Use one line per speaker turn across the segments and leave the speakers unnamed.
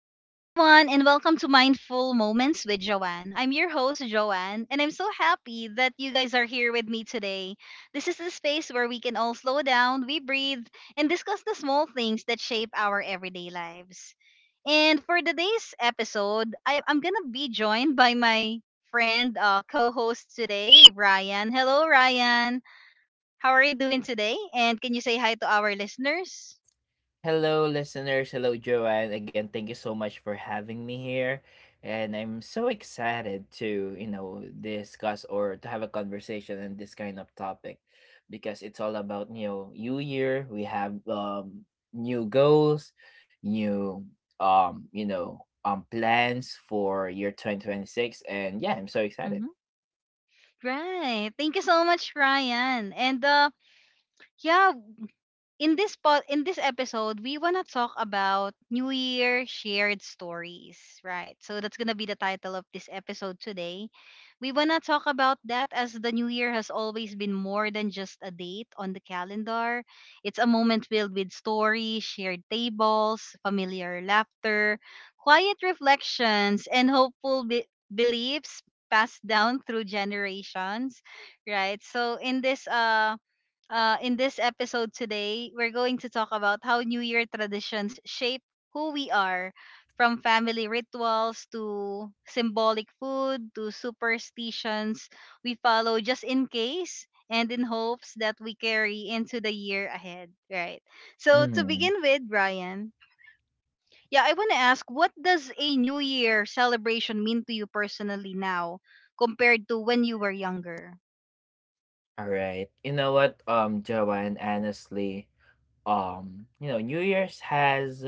Hello, everyone, and welcome to Mindful Moments with Joanne. I'm your host, Joanne, and I'm so happy that you guys are here with me today. This is the space where we can all slow down, we breathe, and discuss the small things that shape our everyday lives. And for today's episode, I'm going to be joined by my friend, co host today, Ryan. Hello, Ryan. How are you doing today? And can you say hi to our listeners?
Hello, listeners. Hello, Joanne. Again, thank you so much for having me here. And I'm so excited to, discuss or to have a conversation on this kind of topic because it's all about, new year. We have new goals, new, plans for year 2026. And yeah, I'm so excited.
Hmm. Right. Thank you so much, Ryan. And yeah in this episode we want to talk about new year shared stories, right? So that's going to be the title of this episode today. We want to talk about that as the new year has always been more than just a date on the calendar. It's a moment filled with stories, shared tables, familiar laughter, quiet reflections, and beliefs passed down through generations, right? In this episode today, we're going to talk about how New Year traditions shape who we are, from family rituals to symbolic food to superstitions we follow just in case and in hopes that we carry into the year ahead, right? So, to
Mm,
begin with, Brian, yeah, I want to ask, what does a New Year celebration mean to you personally now compared to when you were younger?
all right. You know what, Joanne, honestly, New Year's has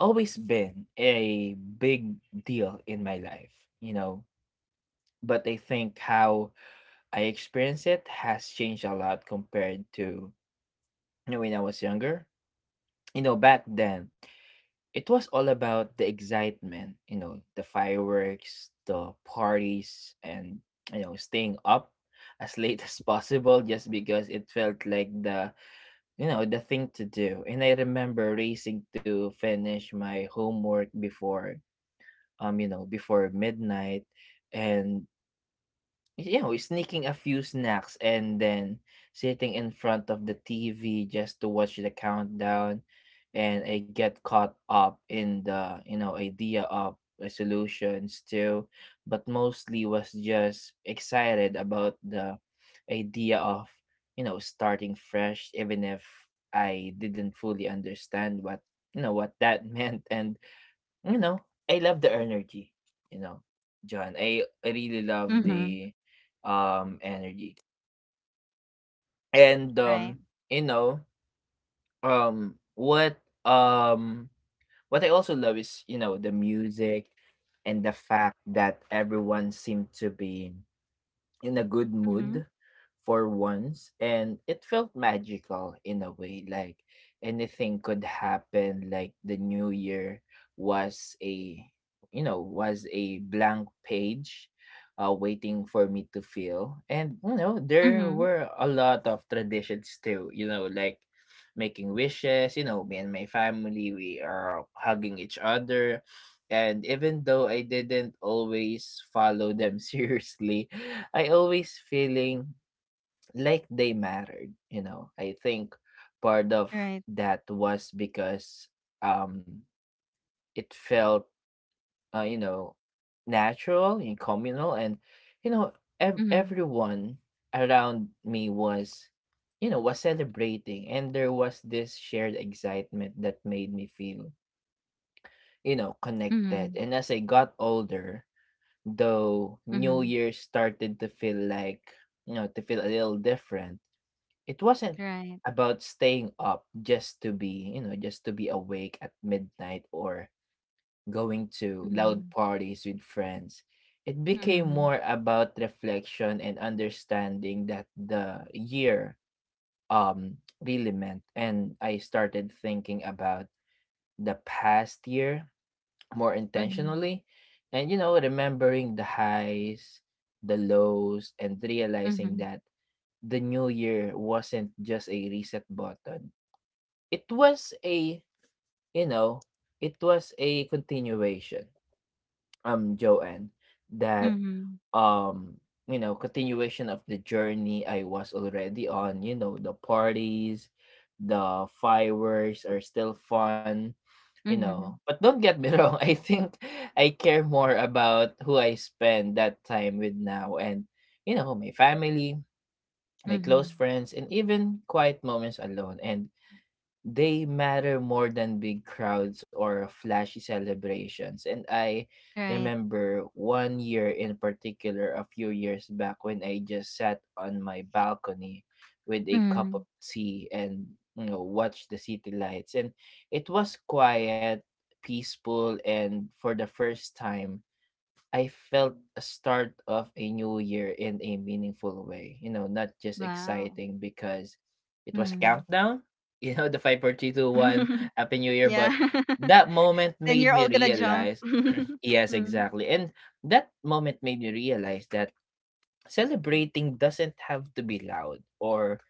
always been a big deal in my life, you know. But I think how I experience it has changed a lot compared to when I was younger. You know, back then, it was all about the excitement, the fireworks, the parties, and, staying up as late as possible just because it felt like the the thing to do. And I remember racing to finish my homework before before midnight, and sneaking a few snacks, and then sitting in front of the TV just to watch the countdown. And I get caught up in the, idea of resolutions too, but mostly was just excited about the idea of, starting fresh, even if I didn't fully understand what you know what that meant. And you know, I love the energy, you know, John. I really love
Mm-hmm.
the energy. And
Right.
you know, um what um what I also love is, the music, and the fact that everyone seemed to be in a good
Mm-hmm.
mood for once. And it felt magical in a way, like anything could happen, like the new year was a was a blank page waiting for me to fill. And there
Mm-hmm.
were a lot of traditions too, like making wishes. Me and my family, we are hugging each other, and even though I didn't always follow them seriously, I always feeling like they mattered. I think part of
Right.
that was because um it felt uh, you know natural and communal, and you know ev-
Mhm.
everyone around me was you know was celebrating, and there was this shared excitement that made me feel connected.
Mhm.
And as I got older, though, New
Mhm.
Year started to feel like, to feel a little different. It wasn't
Right.
about staying up just to be awake at midnight, or going to loud
Mhm.
parties with friends. It became
Mhm.
more about reflection and understanding that the year um really meant. And I started thinking about the past year more
Mhm.
intentionally, and remembering the highs, the lows, and realizing
Mhm.
that the new year wasn't just a reset button. It was a you know continuation Joanne, that
Mhm.
um continuation of the journey I was already on. The parties, the fireworks are still fun,
Mhm.
but don't get me wrong. I think I care more about who I spend that time with now, and my family, my close
Mhm.
friends, and even quiet moments alone, and they matter more than big crowds or flashy celebrations. And I
Right.
remember one year in particular, a few years back, when I just sat on my balcony with a cup of
Mhm.
tea and watched the city lights. And it was quiet, peaceful, and for the first time I felt a start of a new year in a meaningful way. You know, not just
Wow.
exciting because it was
Mhm.
countdown, the 5, 4, three, two, 1, Happy New Year.
Yeah.
But that moment
Then
made
you're
me
all gonna jump.
realize, yes,
Mm.
exactly. And that moment made me realize that celebrating doesn't have to be loud or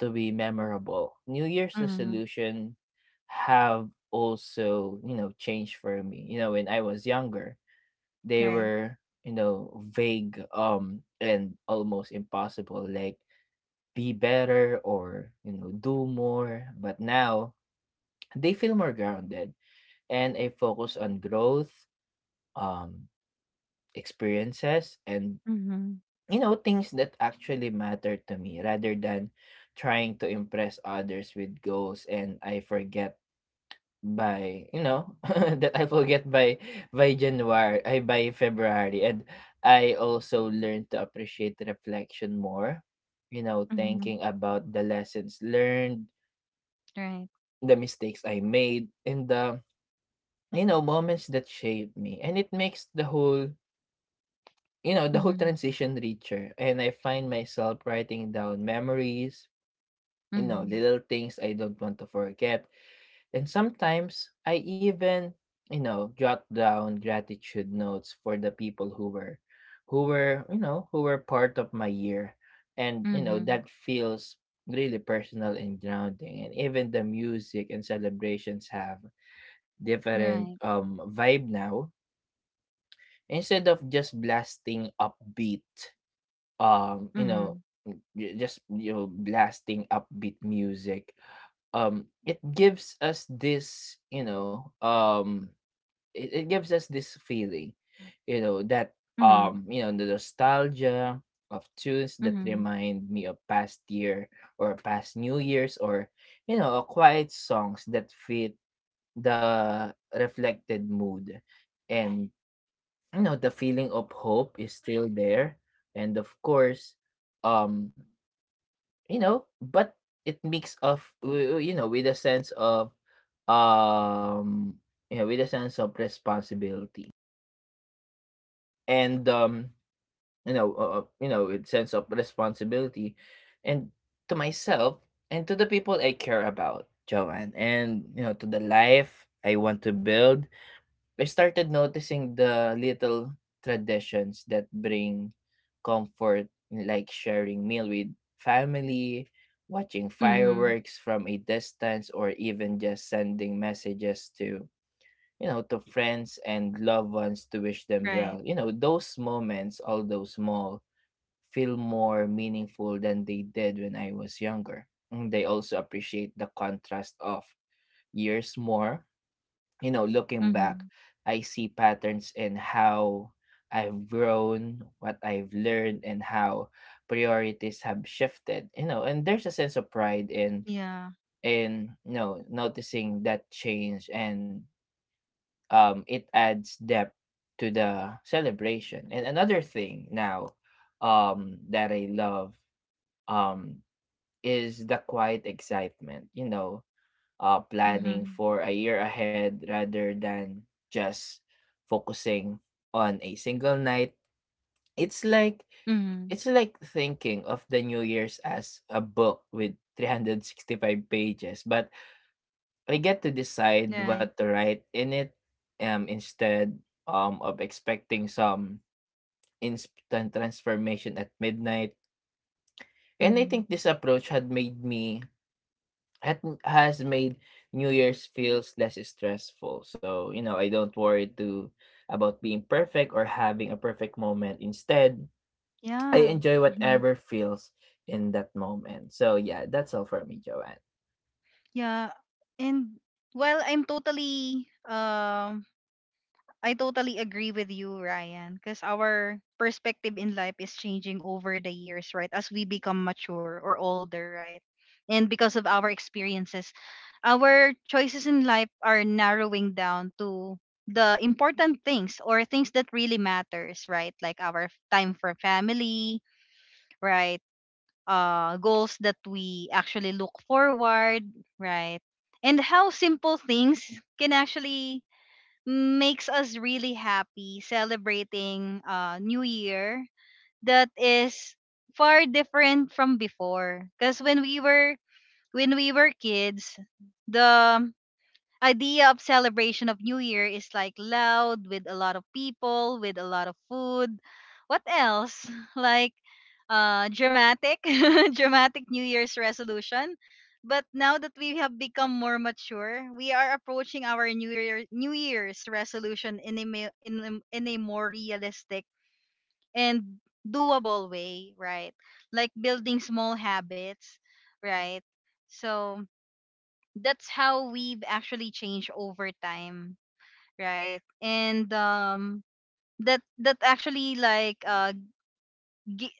to be memorable. New Year's
Mhm.
resolution have also, changed for me. You know, when I was younger, they
Right.
were vague and almost impossible, like be better or do more, but now they feel more grounded. And I focus on growth, um experiences, and
Mhm.
things that actually matter to me, rather than trying to impress others with goals and I forget by you know that I forget by January, I by February. And I also learned to appreciate reflection more,
Mhm.
thinking about the lessons learned,
Right.
the mistakes I made, and the moments that shaped me. And it makes the whole
Mhm.
transition richer, and I find myself writing down memories,
Mhm.
little things I don't want to forget. And sometimes I even, jot down gratitude notes for the people who were who were part of my year. And
Mhm.
that feels really personal and grounding. And even the music and celebrations have different
Right.
vibe now. Instead of just blasting upbeat, um, you know,
Mhm.
blasting upbeat music, it gives us this it gives us this feeling, you know that
Mhm.
you know the nostalgia of tunes that
Mhm.
remind me of past year or past new years, or quiet songs that fit the reflected mood. And the feeling of hope is still there, and of course, um you know, but it mix of with a sense of um responsibility, and with sense of responsibility, and to myself, and to the people I care about, Joanne, and to the life I want to build. I started noticing the little traditions that bring comfort, like sharing meal with family, watching
Mhm.
fireworks from a distance, or even just sending messages to friends and loved ones to wish them
Right.
well. You know those moments, although small, feel more meaningful than they did when I was younger. And they also appreciate the contrast of years more, looking back.
Mhm.
I see patterns in how I've grown, what I've learned, and how priorities have shifted. You know, and there's a sense of pride in
Yeah.
noticing that change, and it adds depth to the celebration. And another thing now, that I love, um, is the quiet excitement. Planning
Mhm.
for a year ahead rather than just focusing on a single night. It's like
Mhm.
thinking of the New Year's as a book with 365 pages, but I get to decide
Right.
what to write in it, instead of expecting some instant transformation at midnight. And I
Mhm.
think this approach had made me hat has made New Year's feels less stressful. So, I don't worry too about being perfect or having a perfect moment. Instead, I
Yeah.
enjoy
Hmm.
whatever feels in that moment. So yeah, that's all for me, Joanne.
Yeah. And, well, I totally agree with you, Ryan, because our perspective in life is changing over the years, right? As we become mature or older, right? And because of our experiences, our choices in life are narrowing down to the important things or things that really matters, right? Like our time for family, right? Goals that we actually look forward, right? And how simple things can actually makes us really happy celebrating New Year that is far different from before. Because when we were kids, the idea of celebration of New Year is like loud with a lot of people, with a lot of food. What else? Like dramatic dramatic New Year's resolution. But now that we have become more mature, we are approaching our New Year's resolution in a ma- in a more realistic and doable way, right? Like building small habits, right? So that's how we've actually changed over time, right? And that that actually like gi-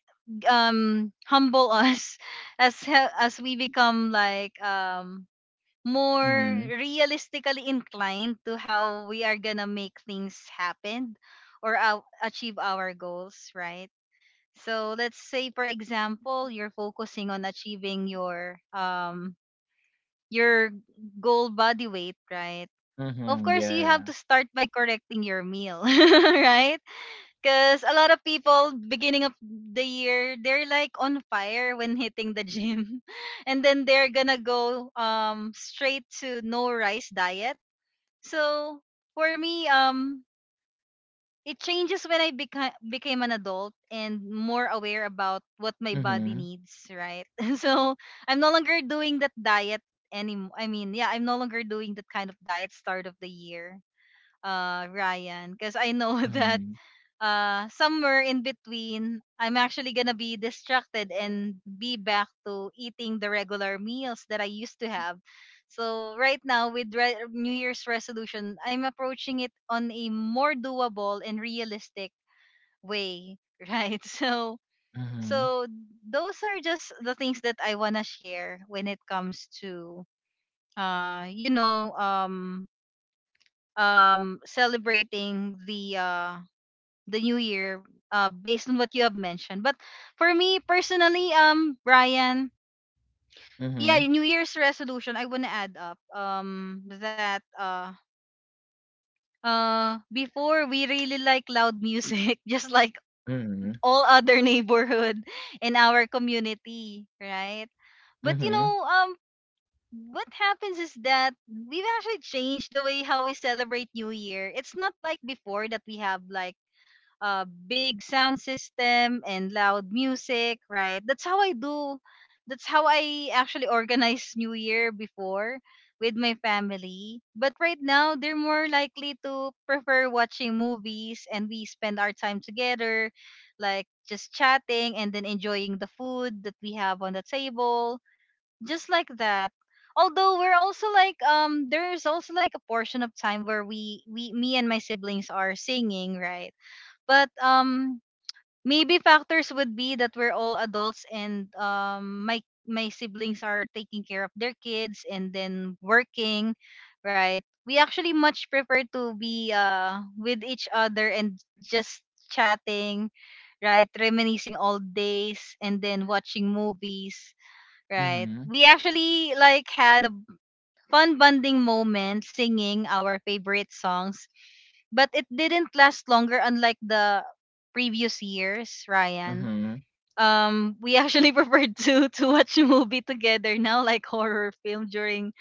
Humble us as as we become like more
Mm-hmm.
realistically inclined to how we are gonna make things happen or achieve our goals, right? So let's say for example you're focusing on achieving your goal body weight, right? Of
Mm-hmm.
course, you
Yeah.
have to start by correcting your meal, right? Because a lot of people, beginning of the year, they're like on fire when hitting the gym. And then they're gonna go straight to no rice diet. So for me, it changes when I became an adult and more aware about what my body
Mm-hmm.
needs, right? so I'm no longer doing that diet anymore. I mean, yeah, I'm no longer doing that kind of diet start of the year, Ryan, because I know that
Mm-hmm.
somewhere in between, I'm actually gonna be distracted and be back to eating the regular meals that I used to have. So right now, with New Year's resolution, I'm approaching it on a more doable and realistic way, right? So those are just the things that I wanna share when it comes to, uh, you know, um, celebrating the new year based on what you have mentioned. But for me personally, Brian,
Mm-hmm.
yeah, New Year's resolution, I wanna add up that before we really like loud music, just like
Mm-hmm.
all other neighborhood in our community, right? But you
Mm-hmm.
know, what happens is that we've actually changed the way how we celebrate New Year. It's not like before that we have like big sound system and loud music, right? That's how I do. That's how I actually organize New Year before with my family. But right now, they're more likely to prefer watching movies and we spend our time together, like just chatting and then enjoying the food that we have on the table, just like that. Although we're also like there's also like a portion of time where we me and my siblings are singing, right? But maybe factors would be that we're all adults and my siblings are taking care of their kids and then working, right? We actually much prefer to be with each other and just chatting, right? Reminiscing old days and then watching movies, right?
Mm-hmm.
We actually like had a fun bonding moment singing our favorite songs, but it didn't last longer unlike the previous years,
Mm-hmm.
Ryan.
Mm-hmm.
We actually prefer to watch a movie together now, like horror film during,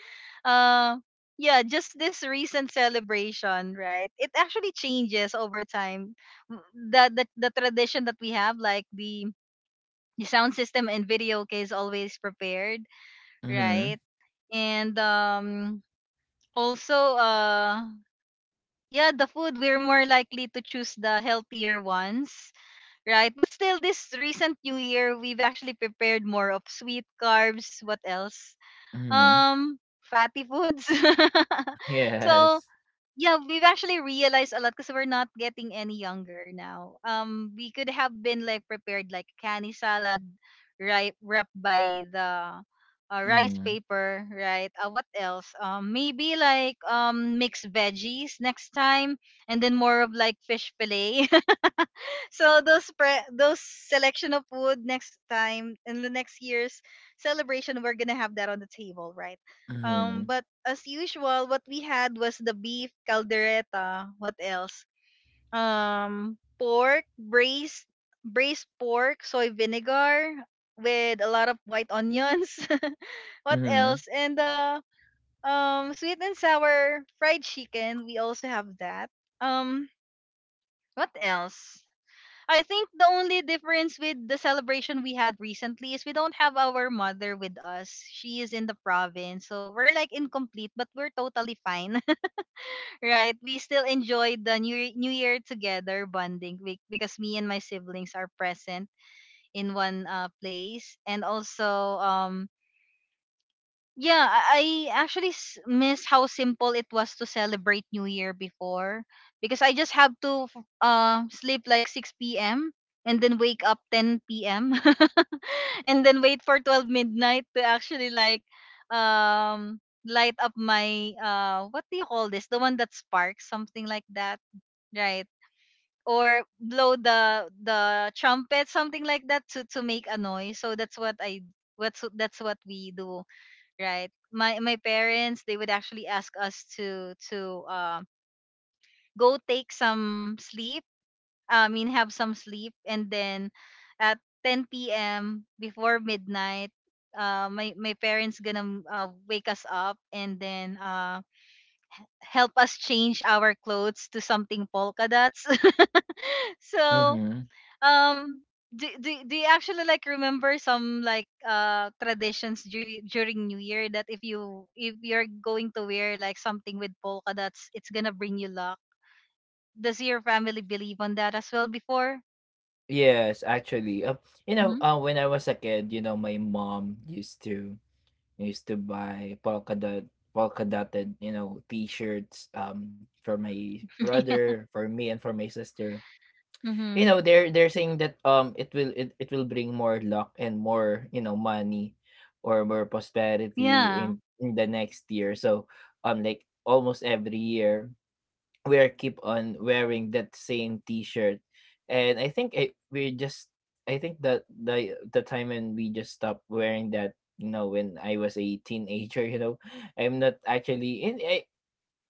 uh yeah, just this recent celebration, right? It actually changes over time. The tradition that we have, like the sound system and video case, always prepared,
Mm-hmm.
right? And also yeah, the food, we're more likely to choose the healthier ones, right? But still, this recent New Year, we've actually prepared more of sweet carbs. What else?
Mm-hmm.
Um, Fatty foods. so
Yes.
yeah, we've actually realized a lot because we're not getting any younger now. We could have been like prepared like canny salad, right, wrapped by the rice
Mm-hmm.
paper, right? What else? Maybe like mixed veggies next time, and then more of like fish fillet. Those selection of food next time in the next year's celebration we're gonna have that on the table, right?
Mm-hmm.
But as usual, what we had was the beef caldereta. What else? Um, pork braised braised pork soy vinegar with a lot of white onions. what else? And sweet and sour fried chicken, we also have that. Um, what else? I think the only difference with the celebration we had recently is we don't have our mother with us. She is in the province, so we're like incomplete, but we're totally fine, right? We still enjoyed the New Year together bonding because me and my siblings are present in one place, and also yeah, I actually miss how simple it was to celebrate New Year before, because I just have to sleep like 6 p.m. and then wake up 10 p.m. and then wait for 12 midnight to actually like light up my what do you call this? The one that sparks, something like that, right? Or blow the trumpet, something like that to make a noise. So that's what I, what's that's what we do, right? My parents, they would actually ask us to go take some sleep, I mean have some sleep, and then at 10 p.m before midnight, my parents gonna wake us up and then help us change our clothes to something polka dots. so
Mm-hmm.
um do you actually like remember some like traditions during new year that if you if you're going to wear like something with polka dots, it's gonna bring you luck? Does your family believe on that as well before?
Yes, actually, you know,
Mm-hmm.
when I was a kid, my mom used to buy polka dotted, you know, t-shirts for my brother, for me, and for my sister. You
Mm-hmm.
know, they're saying that it will it will bring more luck and more money, or more prosperity
Yeah.
in the next year. So like almost every year we're keep on wearing that same t-shirt, and I think it we just I think that the time when we just stopped wearing that, when I was a teenager I'm not actually in it,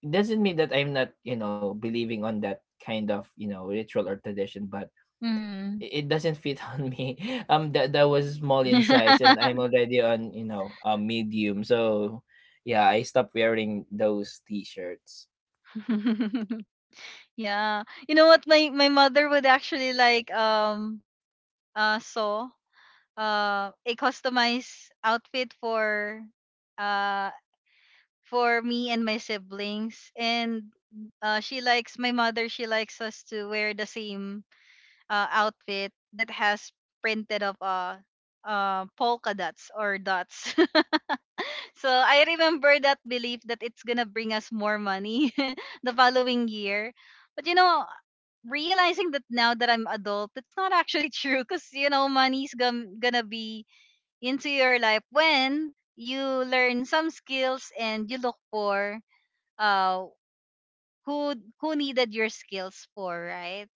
doesn't mean that I'm not, believing on that kind of, ritual or tradition, but
Mm-hmm.
it doesn't fit on me. That was small in size, and I'm already on, a medium. So yeah, I stopped wearing those t-shirts.
yeah. You know what? My mother would actually like sew a customized outfit uh for me and my siblings. And she likes, my mother, she likes us to wear the same outfit that has printed of polka dots or dots. so I remember that belief that it's gonna bring us more money the following year. But you know, realizing that now that I'm adult, it's not actually true, because you know gonna be into your life when you learn some skills and you look for uh who who needed your skills for, right?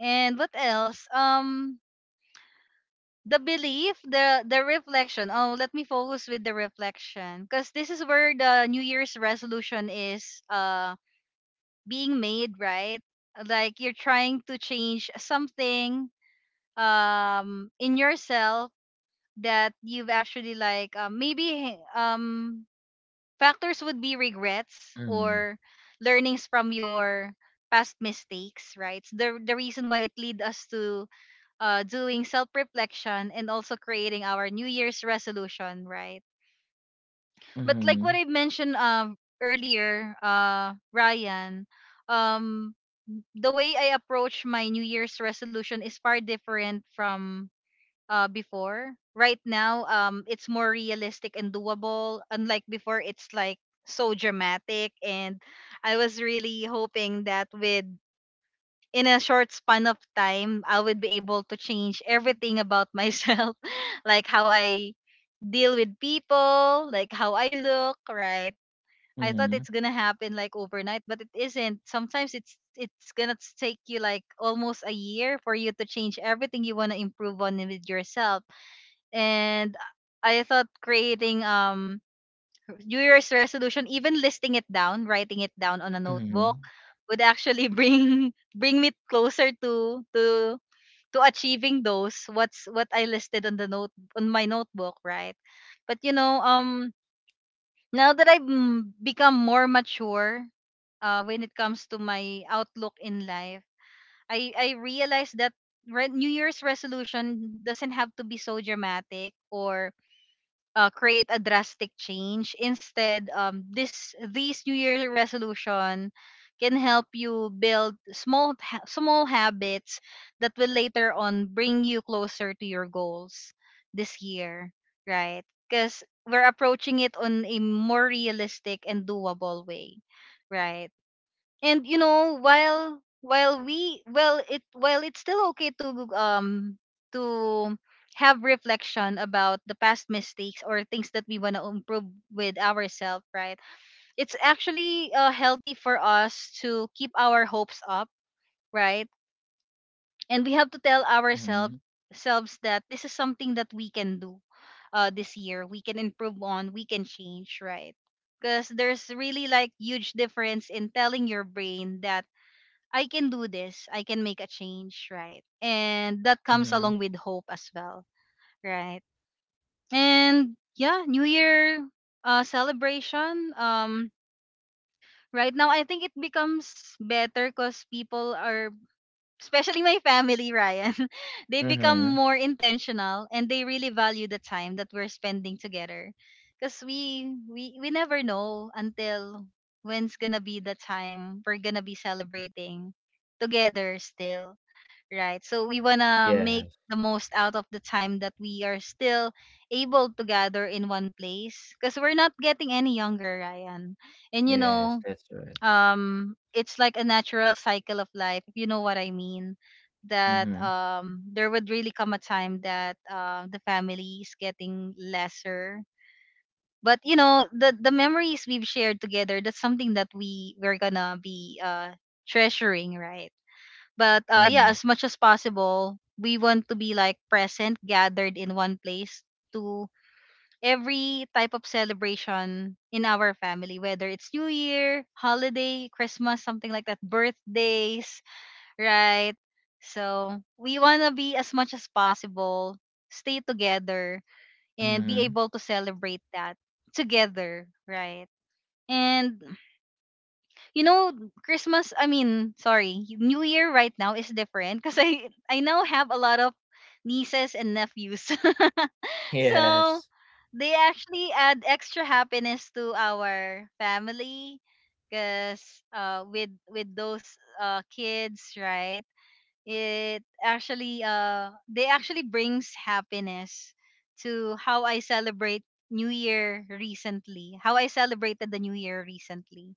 And what else? Um, the belief, the reflection. Oh, let me focus with the reflection, because this is where the New Year's resolution is uh being made, right? Like you're trying to change something in yourself that you've actually like maybe Factors would be regrets or learnings from your past mistakes, right? So the reason why it lead us to doing self-reflection and also creating our New Year's resolution, right? But like what
Mm-hmm.
I mentioned earlier, Ryan, um, the way I approach my New Year's resolution is far different from before. Right now, it's more realistic and doable. Unlike before, it's like so dramatic, and I was really hoping that with in a short span of time, I would be able to change everything about myself, like how I deal with people, like how I look, right? I thought it's
Mhm,
gonna happen like overnight, but it isn't. Sometimes it's gonna take you like almost a year for you to change everything you wanna improve on with yourself and I thought creating New Year's resolution, even listing it down, writing it down on a notebook,
mhm,
would actually bring bring me closer to achieving those what I listed on the note on my notebook, right? But now that I've become more mature, when it comes to my outlook in life, I realized that New Year's resolution doesn't have to be so dramatic or create a drastic change. Instead, this these New Year resolution can help you build small habits that will later on bring you closer to your goals this year, right? Because we're approaching it on a more realistic and doable way, right? And you know while we well it while it's still okay to to have reflection about the past mistakes or things that we want to improve with ourselves, right? It's actually healthy for us to keep our hopes up, right, and we have to tell
mhm,
ourselves selves that this is something that we can do, this year. We can improve on, we can change, right? Because there's really like huge difference in telling your brain that I can do this. I can make a change, right? And that comes
mhm,
along with hope as well, right? And yeah, New Year celebration. Right now, I think it becomes better because people are, especially my family, Ryan, they become
mhm.
more intentional and they really value the time that we're spending together. Because we never know until when's gonna be the time we're gonna be celebrating together still, right? So we want to make
Yes,
the most out of the time that we are still able to gather in one place because we're not getting any younger, Ryan. And you
yes,
know,
that's right.
it's like a natural cycle of life, if you know what I mean, that
Mhm,
there would really come a time that the family is getting lesser. But you know, the memories we've shared together, that's something that we we're gonna be treasuring, right? But yeah,
mhm,
as much as possible, we want to be like present, gathered in one place to every type of celebration in our family, whether it's New Year, holiday, Christmas, something like that, birthdays, right? So we want to be, as much as possible, stay together, and be
mhm.
able to celebrate that together, right? And you know, Christmas, I mean, sorry, New Year right now is different because I now have a lot of nieces and nephews. So,
Yes,
they actually add extra happiness to our family because with those kids, right? It actually they actually brings happiness to How I celebrated the New Year recently.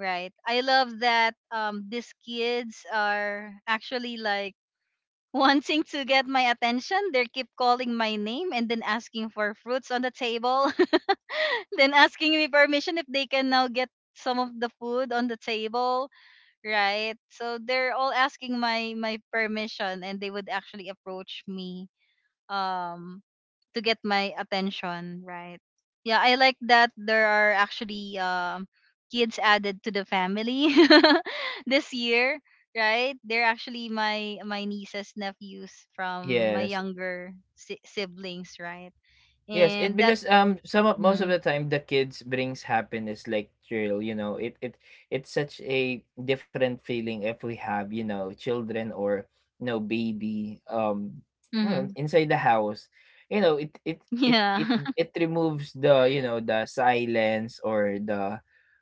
Right. I love that these kids are actually like wanting to get my attention. They keep calling my name and then asking for fruits on the table, then asking me permission if they can now get some of the food on the table, right? So they're all asking my permission and they would actually approach me um to get my attention, right? Yeah, I like that there are actually kids added to the family this year, right? They're actually my nieces, nephews from my
yes,
younger siblings, right?
yes. It
And that
because some of most of
mm
the time the kids brings happiness, like thrill. You know, it's such a different feeling if we have, children or no baby, you know,
mm-hmm,
inside the house. You know, it
yeah.
it it removes the, the silence, or the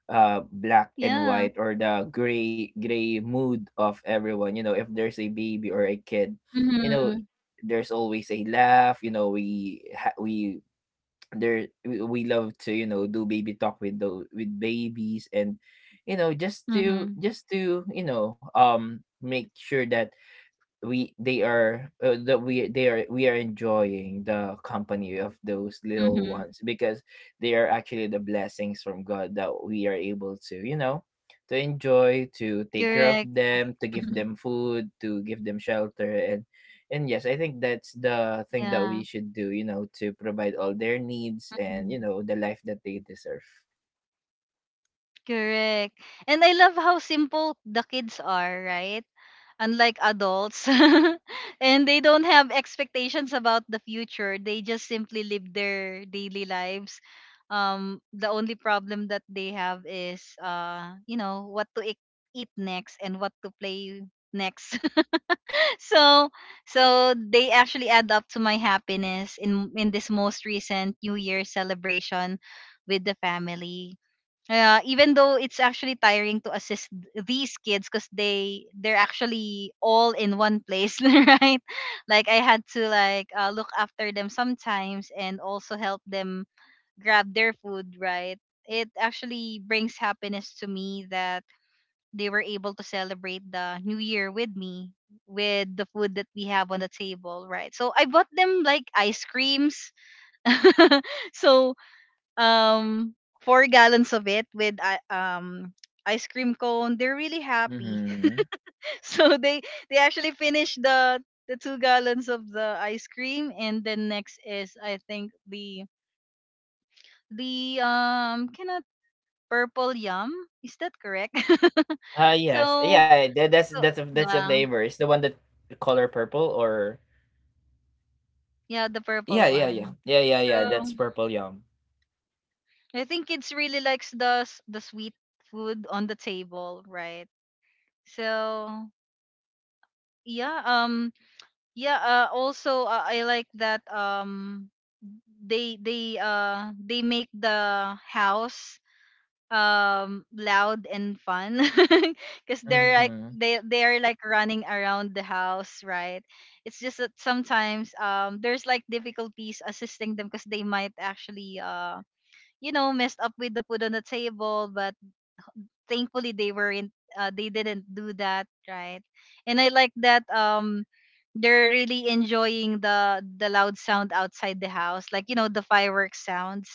black and
Yeah.
white, or the gray mood of everyone, if there's a baby or a kid. you know
Mhm.
there's always a laugh. We ha- we there we love to, do baby talk with those with babies, and you know
Mhm.
just to you know make sure that we they are that we they are we are enjoying the company of those little
Mhm.
ones, because they are actually the blessings from God that we are able to, to enjoy, to take care of
Correct.
them, to
Like,
give
mhm.
them food, to give them shelter, and yes, I think that's the thing that
Yeah.
we should do, to provide all their needs and
Mhm.
the life that they deserve.
Correct. And I love how simple the kids are, right? Unlike adults. And they don't have expectations about the future, they just simply live their daily lives. The only problem that they have is what to eat next and what to play next. So so they actually add up to my happiness in this most recent New Year celebration with the family, even though it's actually tiring to assist these kids because they're actually all in one place. Right, like I had to like look after them sometimes and also help them grab their food, right? It actually brings happiness to me that they were able to celebrate the New Year with me with the food that we have on the table, right? So I bought them like ice creams. So um four gallons of it with ice cream cone, they're really happy.
Mm-hmm.
So they actually finish the two gallons of the ice cream, and then next is, I think, the kind of purple yum. Is that correct?
Ah, yes,
So
yeah,
so
that's a
yeah,
flavor. It's the one that color purple, or
yeah, the
yeah,
purple
yeah, yeah.
one.
Yeah, yeah, yeah,
So
that's purple yum.
I think kids really likes the sweet food on the table, right? So yeah, yeah also I like that they they make the house loud and fun because they're like
Mhm,
they are like running around the house, right? It's just that sometimes there's like difficulties assisting them because they might actually messed up with the food on the table, but thankfully they weren't, they didn't do that, right? And I like that they're really enjoying the loud sound outside the house, like, you know, the fireworks sounds,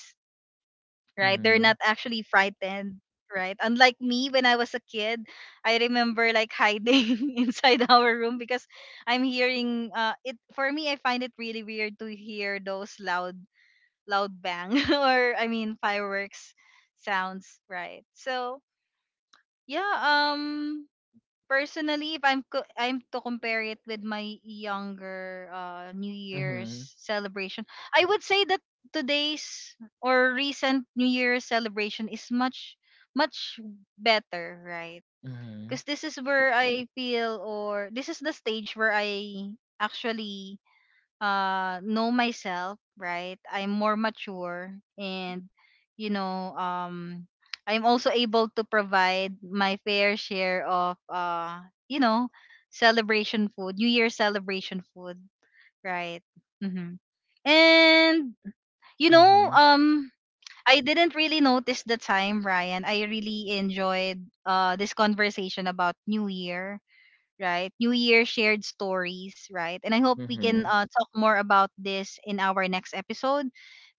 right? They're not
mhm,
actually frightened, right? Unlike me when I was a kid, I remember like hiding inside our room because I'm hearing it. For me, I find it really weird to hear those loud bang, or I mean fireworks sounds, right? So yeah, personally, if I'm I'm to compare it with my younger New Year's
mhm,
celebration, I would say that today's or recent New Year's celebration is much much better, right?
mhm,
Because this is where I feel, or this is the stage where I actually know myself, right? I'm more mature, and, you know, I'm also able to provide my fair share of you know celebration food new year celebration food, right? Hmm. And, you know
mhm,
um I didn't really notice the time, Ryan. I really enjoyed this conversation about new year right? New Year shared stories, right? And I hope we can
mhm.
talk more about this in our next episode.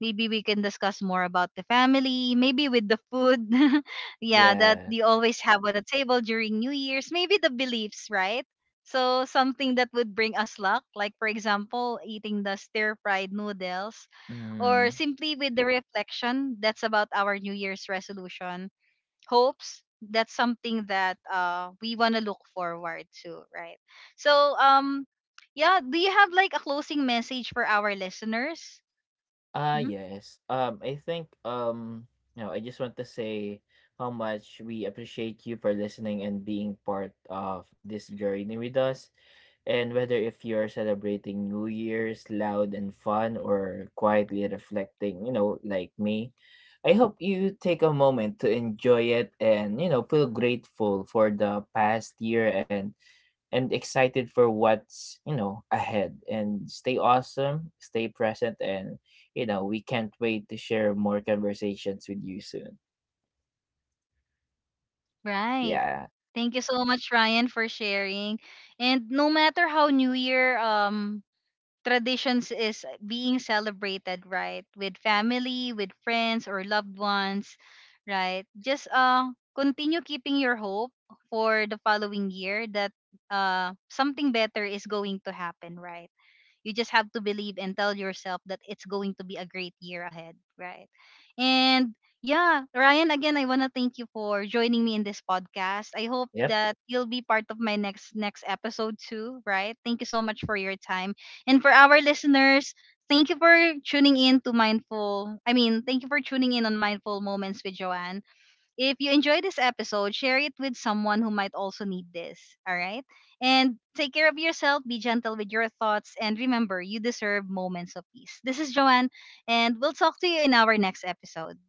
Maybe we can discuss more about the family, maybe with the food, yeah, that
Yes,
you always have on a table during New Year's, maybe the beliefs, right? So something that would bring us luck, like for example, eating the stir-fried noodles, or
mhm.
simply with the reflection that's about our New Year's resolution hopes. That's something that we want to look forward to, right? So yeah, do you have like a closing message for our listeners?
Ah,
Hmm.
yes. I think I just want to say how much we appreciate you for listening and being part of this journey with us. And whether if you're celebrating New Year's loud and fun or quietly reflecting, like me, I hope you take a moment to enjoy it, and, feel grateful for the past year, and excited for what's ahead, and stay awesome, stay present, and we can't wait to share more conversations with you soon.
Right.
Yeah.
Thank you so much, Ryan, for sharing. And no matter how New Year traditions is being celebrated, right, with family, with friends, or loved ones, right, just continue keeping your hope for the following year that something better is going to happen, right? You just have to believe and tell yourself that it's going to be a great year ahead, right? And yeah, Ryan, again, I want to thank you for joining me in this podcast. I hope
Yep.
that you'll be part of my next episode too, right? Thank you so much for your time. And for our listeners, thank you for tuning in to Mindful. I mean, thank you for tuning in on Mindful Moments with Joanne. If you enjoy this episode, share it with someone who might also need this. All right? And take care of yourself, be gentle with your thoughts, and remember, you deserve moments of peace. This is Joanne, and we'll talk to you in our next episode.